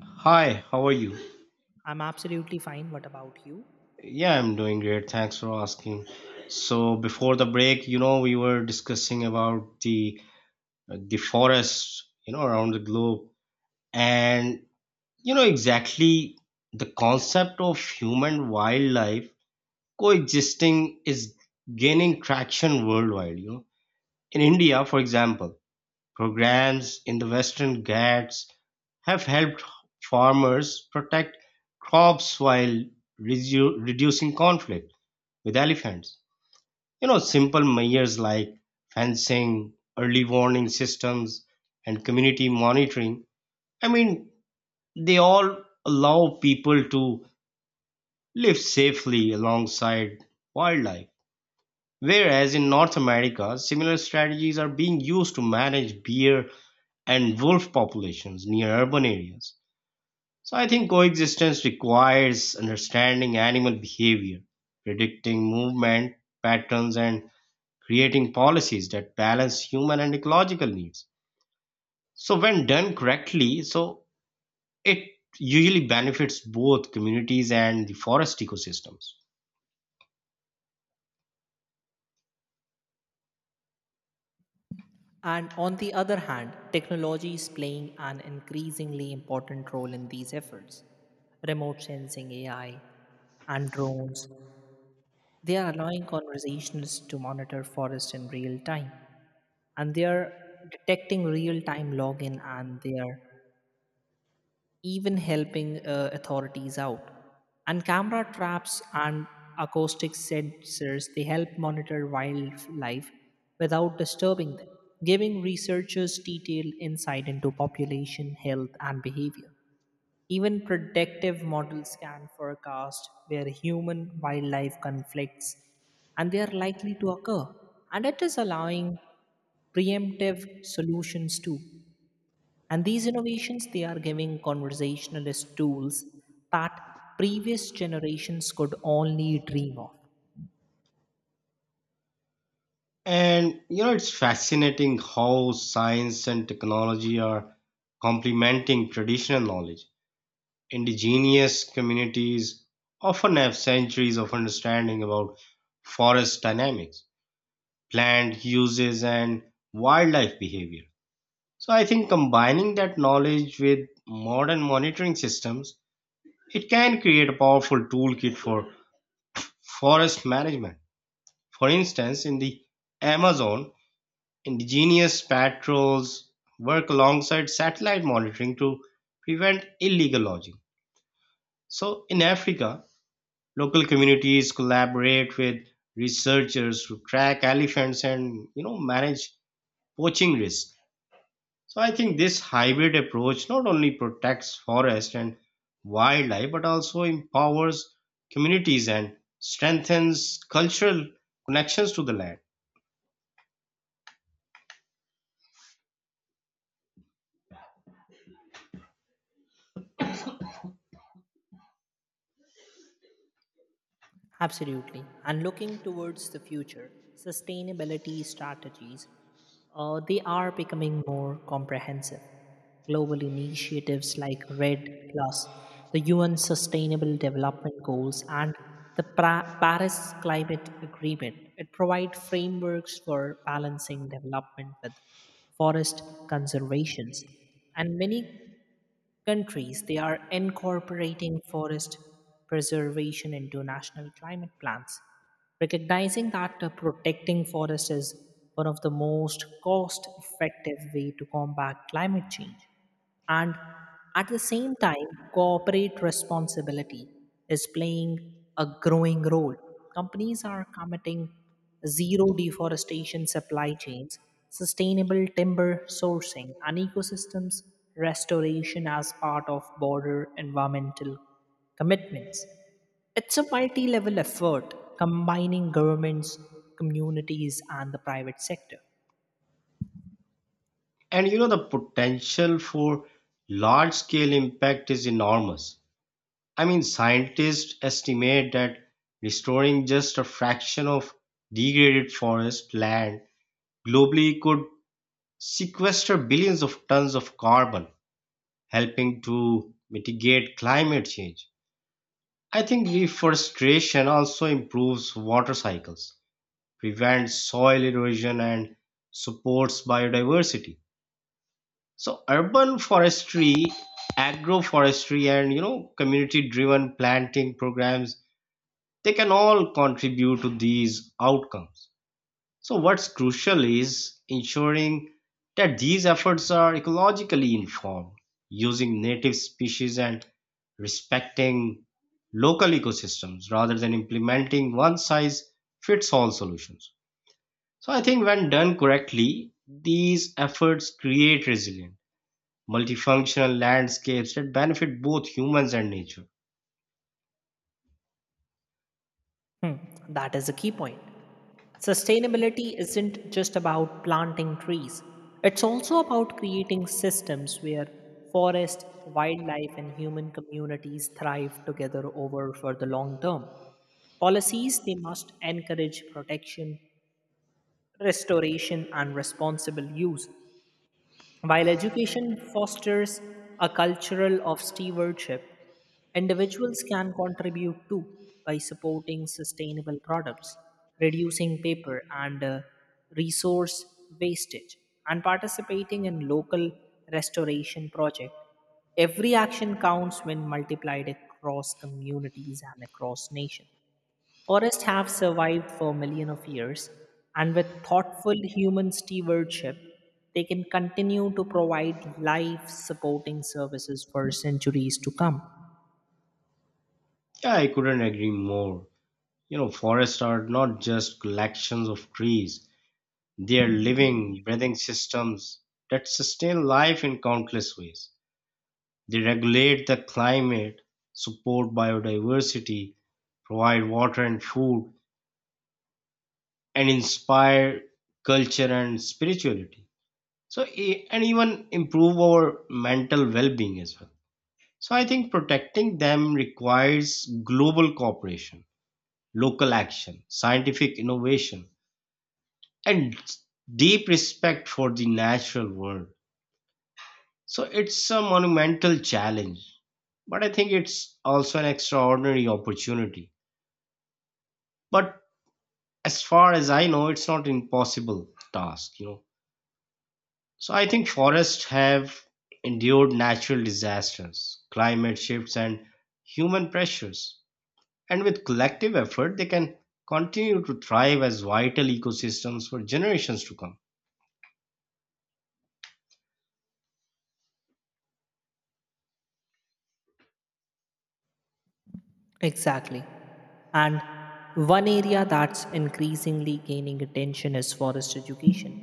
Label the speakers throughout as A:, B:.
A: Hi, how are you?
B: I'm absolutely fine. What about you?
A: Yeah, I'm doing great. Thanks for asking. So before the break, we were discussing about the forests, around the globe, and you know exactly the concept of human wildlife coexisting is gaining traction worldwide. You know, in India, for example. Programs in the Western Ghats have helped farmers protect crops while reducing conflict with elephants. You know, simple measures like fencing, early warning systems, and community monitoring. I mean, they all allow people to live safely alongside wildlife. Whereas in North America, similar strategies are being used to manage bear and wolf populations near urban areas. So I think coexistence requires understanding animal behavior, predicting movement patterns, and creating policies that balance human and ecological needs. So when done correctly, so it usually benefits both communities and the forest ecosystems.
B: And on the other hand, technology is playing an increasingly important role in these efforts. Remote sensing AI and drones, they are allowing conversations to monitor forests in real time. And they are detecting real time login and they are even helping authorities out. And camera traps and acoustic sensors they help monitor wildlife without disturbing them, giving researchers detailed insight into population health and behavior. Even predictive models can forecast where human wildlife conflicts and they are likely to occur. And it is allowing preemptive solutions too and these innovations, they are giving conversationalist tools that previous generations could only dream of.
A: And you know, it's fascinating how science and technology are complementing traditional knowledge. Indigenous communities often have centuries of understanding about forest dynamics, plant uses, and wildlife behavior. So I think combining that knowledge with modern monitoring systems, it can create a powerful toolkit for forest management. For instance, in the Amazon, indigenous patrols work alongside satellite monitoring to prevent illegal logging. So in Africa, local communities collaborate with researchers to track elephants and manage poaching risk. So I think this hybrid approach not only protects forest and wildlife but also empowers communities and strengthens cultural connections to the land.
B: Absolutely. And looking towards the future, sustainability strategies, they are becoming more comprehensive. Global initiatives like RED Plus, the UN Sustainable Development Goals, and the Paris Climate Agreement, it provide frameworks for balancing development with forest conservations. And many countries, they are incorporating forest preservation into national climate plans recognizing that protecting forests is one of the most cost effective way to combat climate change, and at the same time corporate responsibility is playing a growing role. Companies are committing zero deforestation supply chains, sustainable timber sourcing, and ecosystems restoration as part of border environmental commitments. It's a multi level effort combining governments, communities, and the private sector.
A: And the potential for large scale impact is enormous. I mean scientists estimate that restoring just a fraction of degraded forest land globally could sequester billions of tons of carbon, helping to mitigate climate change. I think reforestation also improves water cycles, prevents soil erosion, and supports biodiversity. So urban forestry, agroforestry, and community-driven planting programs, they can all contribute to these outcomes. So, what's crucial is ensuring that these efforts are ecologically informed, using native species and respecting local ecosystems rather than implementing one size fits all solutions. So, I think when done correctly, these efforts create resilient, multifunctional landscapes that benefit both humans and nature.
B: Hmm, that is a key point. Sustainability isn't just about planting trees, it's also about creating systems where forest, wildlife, and human communities thrive together over for the long term. Policies they must encourage protection, restoration, and responsible use. While education fosters a cultural of stewardship, individuals can contribute too by supporting sustainable products, reducing paper and resource wastage, and participating in local restoration projects. Every action counts when multiplied across communities and across nations. Forests have survived for millions of years, and with thoughtful human stewardship, they can continue to provide life supporting services for centuries to come.
A: Yeah, I couldn't agree more. You know, forests are not just collections of trees. They're living, breathing systems that sustain life in countless ways. They regulate the climate, support biodiversity, provide water and food, and inspire culture and spirituality. So, and even improve our mental well being as well. So, I think protecting them requires global cooperation, local action, scientific innovation, and deep respect for the natural world. So it's a monumental challenge, but I think it's also an extraordinary opportunity. But as far as I know, it's not impossible task. So I think forests have endured natural disasters, climate shifts, and human pressures. And with collective effort, they can continue to thrive as vital ecosystems for generations to come.
B: Exactly. And one area that's increasingly gaining attention is forest education.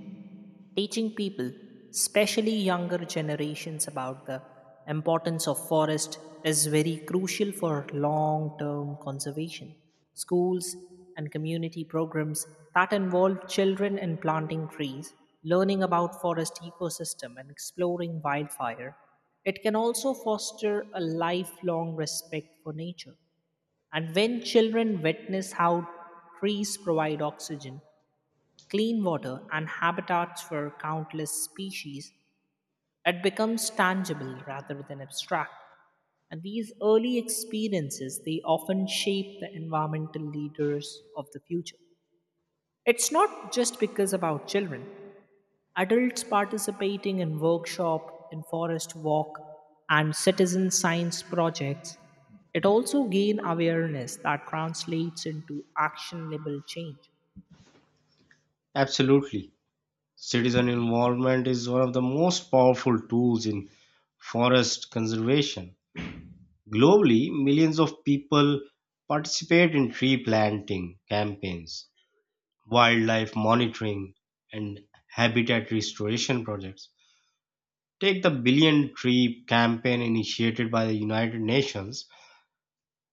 B: Teaching people, especially younger generations, about the importance of forest is very crucial for long-term conservation. Schools and community programs that involve children in planting trees, learning about forest ecosystem and exploring wildfire, it can also foster a lifelong respect for nature. And when children witness how trees provide oxygen, clean water, and habitats for countless species, it becomes tangible rather than abstract. And these early experiences, they often shape the environmental leaders of the future. It's not just because about children. Adults participating in workshop, in forest walk, and citizen science projects, it also gain awareness that translates into actionable change.
A: Absolutely. Citizen involvement is one of the most powerful tools in forest conservation. Globally, millions of people participate in tree planting campaigns, wildlife monitoring, and habitat restoration projects. Take the Billion Tree campaign initiated by the United Nations.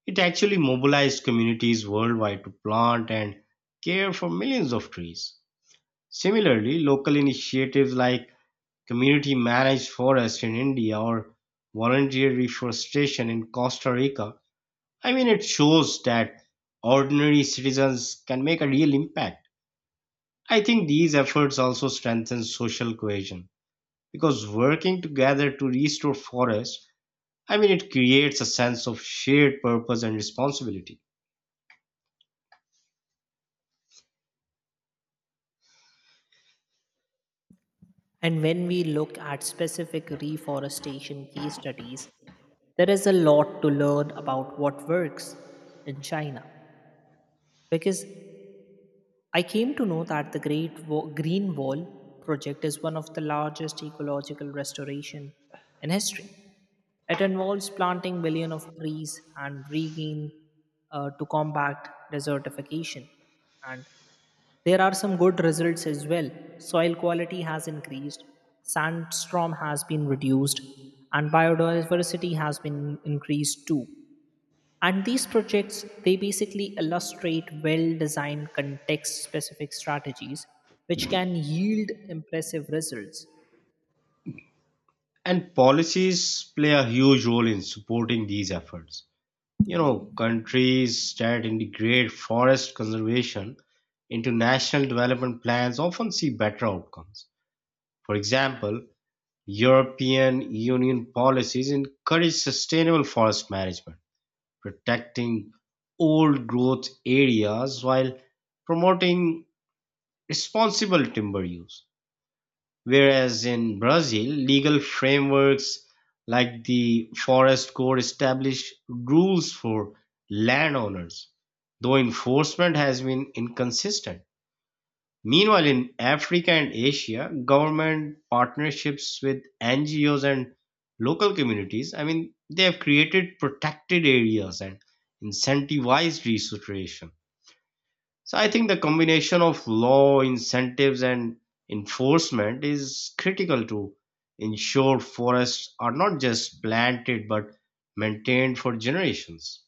A: It actually mobilized communities worldwide to plant and care for millions of trees. Similarly, local initiatives like community managed forests in India or volunteer reforestation in Costa Rica, I mean, it shows that ordinary citizens can make a real impact. I think these efforts also strengthen social cohesion because working together to restore forests, I mean, it creates a sense of shared purpose and responsibility.
B: And when we look at specific reforestation case studies, there is a lot to learn about what works in China, because I came to know that the Green Wall project is one of the largest ecological restoration in history. It involves planting millions of trees and regain to combat desertification. And there are some good results as well. Soil quality has increased, sandstorm has been reduced, and biodiversity has been increased too. And these projects, they basically illustrate well designed context specific strategies which can yield impressive results.
A: And policies play a huge role in supporting these efforts. You know, countries that integrate forest conservation into national development plans often see better outcomes. For example, European Union policies encourage sustainable forest management, protecting old growth areas while promoting responsible timber use. Whereas in Brazil, legal frameworks like the Forest Code establish rules for landowners, though enforcement has been inconsistent. Meanwhile, in Africa and Asia, government partnerships with NGOs and local communities, I mean, they have created protected areas and incentivized restoration. So I think the combination of law, incentives, and enforcement is critical to ensure forests are not just planted but maintained for generations.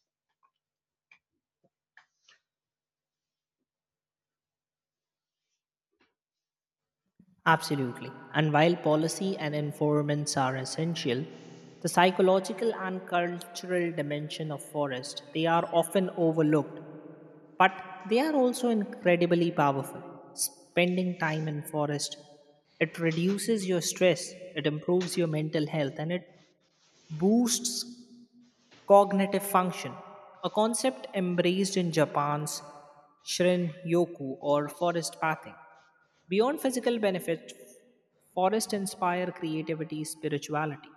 B: Absolutely. And while policy and environments are essential, the psychological and cultural dimension of forest, they are often overlooked, but they are also incredibly powerful. Spending time in forest, it reduces your stress, it improves your mental health and it boosts cognitive function, a concept embraced in Japan's Shrin Yoku or forest pathing. Beyond physical benefits, forests inspire creativity, spirituality,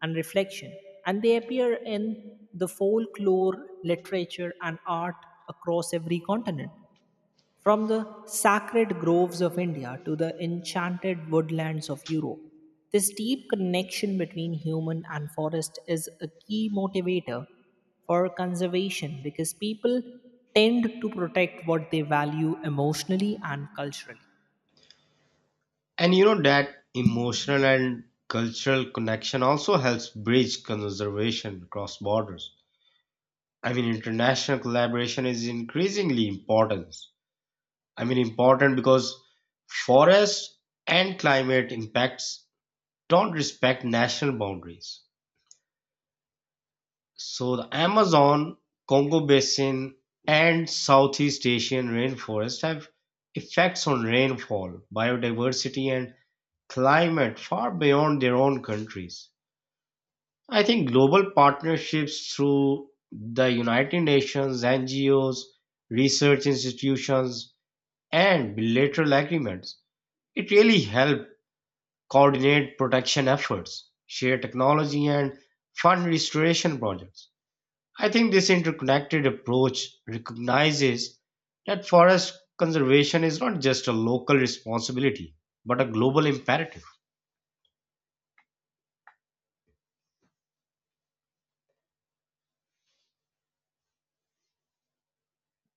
B: and reflection, and they appear in the folklore, literature, and art across every continent. From the sacred groves of India to the enchanted woodlands of Europe, this deep connection between human and forest is a key motivator for conservation because people tend to protect what they value emotionally and culturally.
A: And that emotional and cultural connection also helps bridge conservation across borders. I mean, international collaboration is increasingly important. Important because forest and climate impacts don't respect national boundaries. So the Amazon, Congo Basin, and Southeast Asian rainforest have effects on rainfall, biodiversity, and climate far beyond their own countries. I think global partnerships through the United Nations, NGOs, research institutions, and bilateral agreements, it really help coordinate protection efforts, share technology, and fund restoration projects. I think this interconnected approach recognizes that forest conservation is not just a local responsibility, but a global imperative.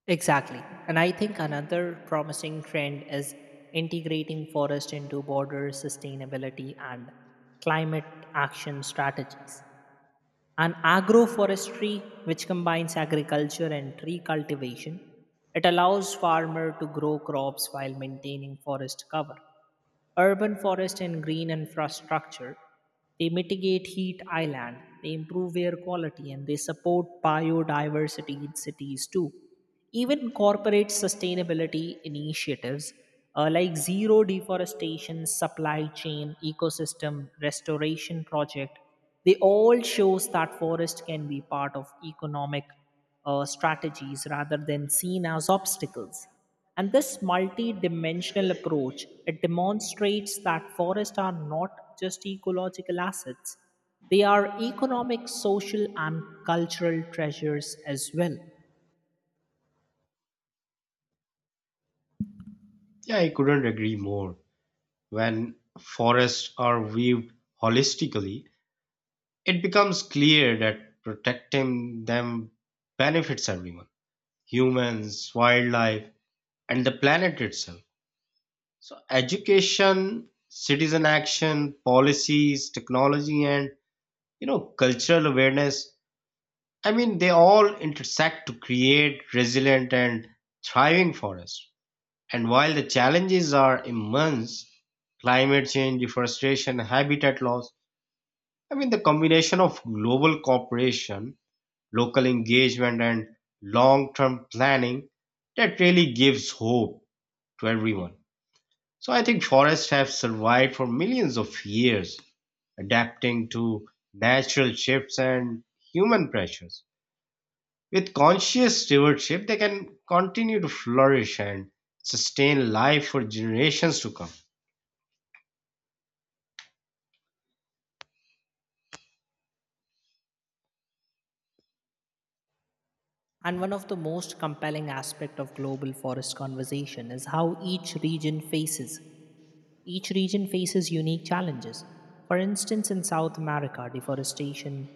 B: Exactly. And I think another promising trend is integrating forest into border sustainability and climate action strategies. And agroforestry, which combines agriculture and tree cultivation, it allows farmer to grow crops while maintaining forest cover. Urban forest and green infrastructure, they mitigate heat island, they improve air quality and they support biodiversity in cities too. Even corporate sustainability initiatives like zero deforestation, supply chain, ecosystem restoration project, they all shows that forest can be part of economic strategies rather than seen as obstacles. And this multi-dimensional approach, it demonstrates that forests are not just ecological assets. They are economic, social, and cultural treasures as well.
A: Yeah, I couldn't agree more. When forests are viewed holistically, it becomes clear that protecting them benefits everyone: humans, wildlife, and the planet itself. So, education, citizen action, policies, technology, and cultural awareness, I mean, they all intersect to create resilient and thriving forests. And while the challenges are immense, climate change, deforestation, habitat loss, I mean, the combination of global cooperation, local engagement, and long term planning, that really gives hope to everyone. So, I think forests have survived for millions of years, adapting to natural shifts and human pressures. With conscious stewardship, they can continue to flourish and sustain life for generations to come.
B: And one of the most compelling aspects of global forest conversation is how each region faces unique challenges. For instance, in South America, deforestation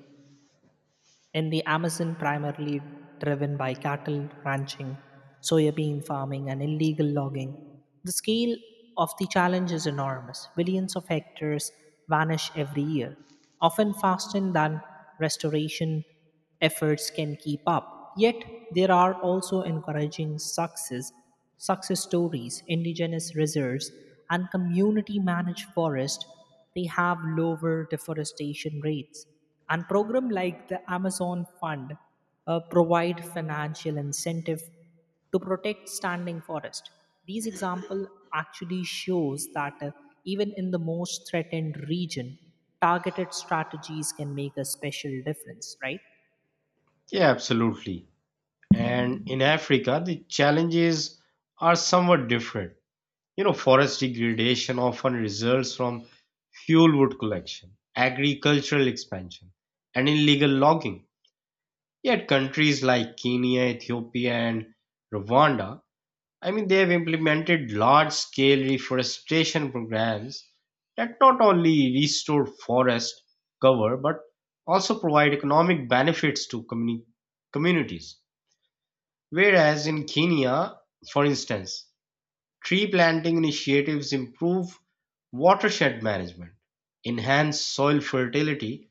B: in the Amazon, primarily driven by cattle ranching, soybean farming, and illegal logging. The scale of the challenge is enormous. Billions of hectares vanish every year, often faster than restoration efforts can keep up. Yet there are also encouraging success stories. Indigenous reserves and community managed forests they have lower deforestation rates. And program like the Amazon Fund provide financial incentive to protect standing forest. These example actually shows that even in the most threatened region, targeted strategies can make a special difference, right?
A: Yeah, absolutely. And in Africa, the challenges are somewhat different. You know, forest degradation often results from fuel wood collection, agricultural expansion, and illegal logging. Yet countries like Kenya, Ethiopia, and Rwanda, I mean, they have implemented large scale reforestation programs that not only restore forest cover but also provide economic benefits to communities. Whereas in Kenya, for instance, tree planting initiatives improve watershed management, enhance soil fertility,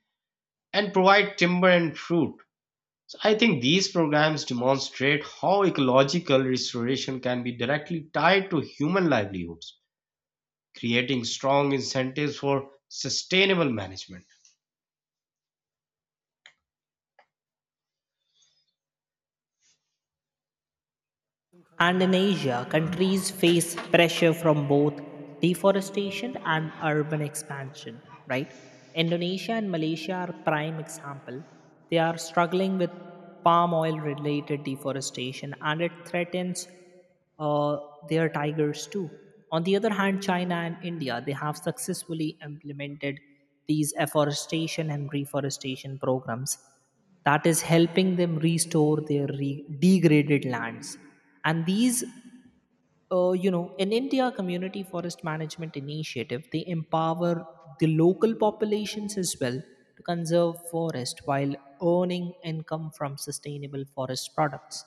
A: and provide timber and fruit. So I think these programs demonstrate how ecological restoration can be directly tied to human livelihoods, creating strong incentives for sustainable management.
B: And in Asia, countries face pressure from both deforestation and urban expansion, right? Indonesia and Malaysia are prime example. They are struggling with palm oil related deforestation and it threatens uh, their tigers too. On the other hand, China and India they have successfully implemented these afforestation and reforestation programs that is helping them restore their degraded lands. And these in India community forest management initiative they empower the local populations as well to conserve forest while earning income from sustainable forest products.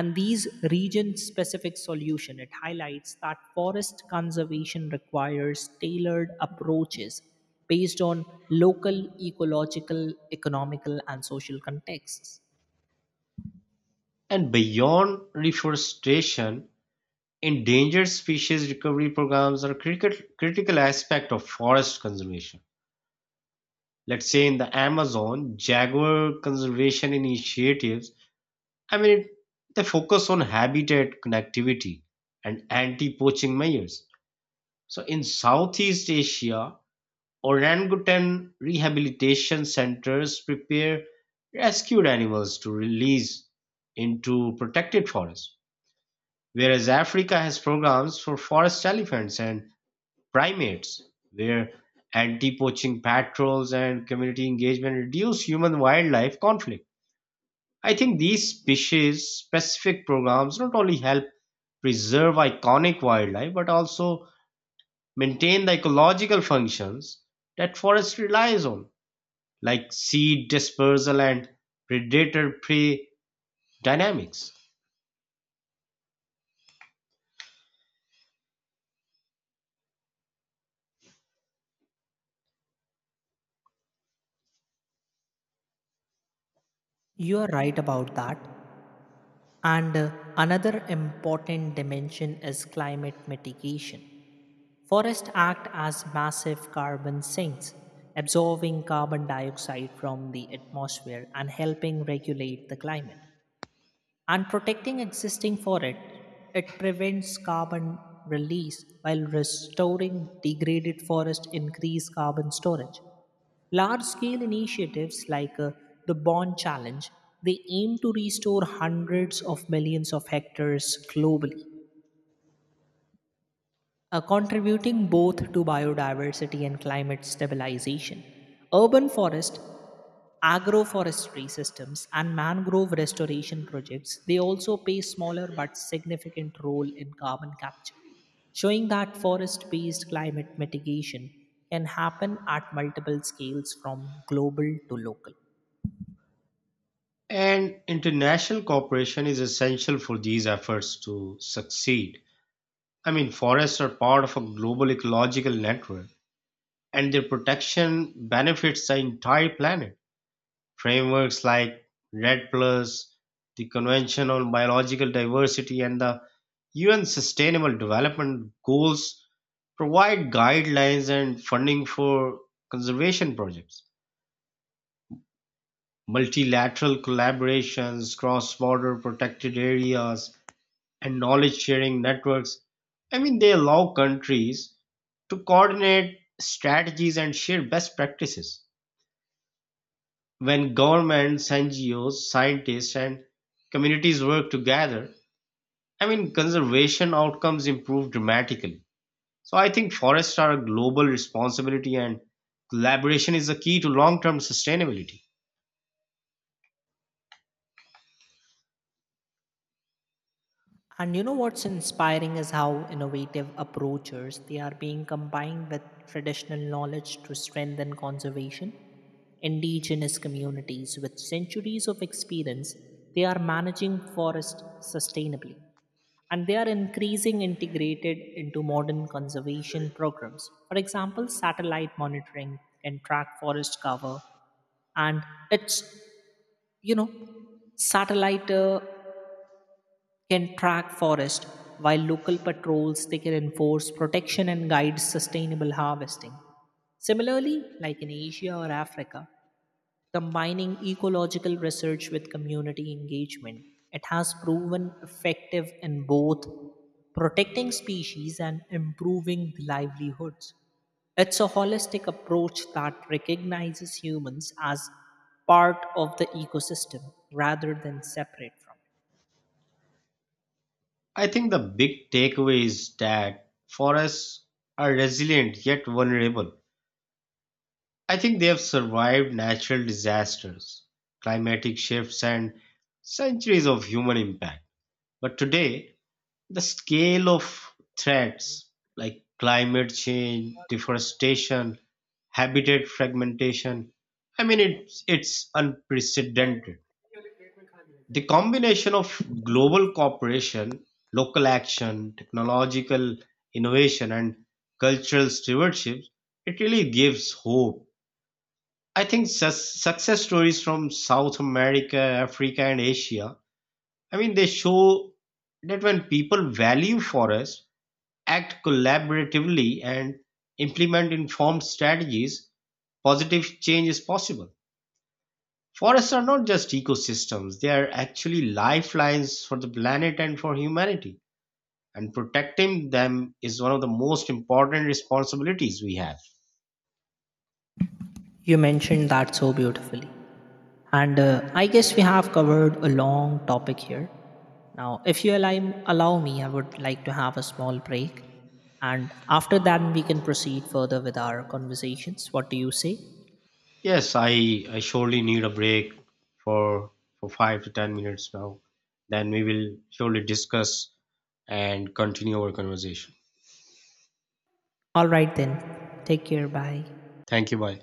B: And these region specific solution it highlights that forest conservation requires tailored approaches based on local ecological economical and social contexts.
A: And beyond reforestation, endangered species recovery programs are a critical aspect of forest conservation. Let's say in the Amazon, jaguar conservation initiatives, I mean, it, they focus on habitat connectivity and anti-poaching measures. So in Southeast Asia, orangutan rehabilitation centers prepare rescued animals to release into protected forests, whereas Africa has programs for forest elephants and primates, where anti-poaching patrols and community engagement reduce human-wildlife conflict. I think these species-specific programs not only help preserve iconic wildlife but also maintain the ecological functions that forest relies on, like seed dispersal and predator-prey dynamics.
B: You are right about that. And another important dimension is climate mitigation. Forests act as massive carbon sinks, absorbing carbon dioxide from the atmosphere and helping regulate the climate and protecting existing forest. It prevents carbon release while restoring degraded forest increase carbon storage. Large scale initiatives like the Bond Challenge, they aim to restore hundreds of millions of hectares globally, contributing both to biodiversity and climate stabilization. Urban forest, agroforestry systems, and mangrove restoration projects, they also play smaller but significant role in carbon capture, showing that forest-based climate mitigation can happen at multiple scales from global to local.
A: And international cooperation is essential for these efforts to succeed. I mean, forests are part of a global ecological network, and their protection benefits the entire planet. Frameworks like RED Plus, the Convention on Biological Diversity, and the UN Sustainable Development Goals provide guidelines and funding for conservation projects. Multilateral collaborations, cross border protected areas, and knowledge sharing networks, I mean, they allow countries to coordinate strategies and share best practices. When governments, NGOs, scientists, and communities work together, I mean, conservation outcomes improve dramatically. So I think forests are a global responsibility and collaboration is the key to long term sustainability.
B: And you know what's inspiring is how innovative approaches they are being combined with traditional knowledge to strengthen conservation. Indigenous communities with centuries of experience, they are managing forest sustainably and they are increasing integrated into modern conservation programs. For example, satellite monitoring can track forest cover and it's you know satellite can track forest while local patrols they can enforce protection and guide sustainable harvesting. Similarly, like in Asia or Africa, combining ecological research with community engagement it has proven effective in both protecting species and improving the livelihoods. It's a holistic approach that recognizes humans as part of the ecosystem rather than separate from it.
A: I think the big takeaway is that forests are resilient yet vulnerable. I think they have survived natural disasters, climatic shifts, and centuries of human impact. But today, the scale of threats like climate change, deforestation, habitat fragmentation, I mean, it's unprecedented. The combination of global cooperation, local action, technological innovation, and cultural stewardship, it really gives hope. I think success stories from South America, Africa, and Asia, I mean, they show that when people value forests, act collaboratively, and implement informed strategies, positive change is possible. Forests are not just ecosystems, they are actually lifelines for the planet and for humanity. And protecting them is one of the most important responsibilities we have.
B: You mentioned that so beautifully. And I guess we have covered a long topic here. Now, if you allow me, I would like to have a small break. And after that, we can proceed further with our conversations. What do you say?
A: Yes, I surely need a break for for 5 to 10 minutes now. Then we will surely discuss and continue our conversation.
B: All right, then. Take care. Bye.
A: Thank you. Bye.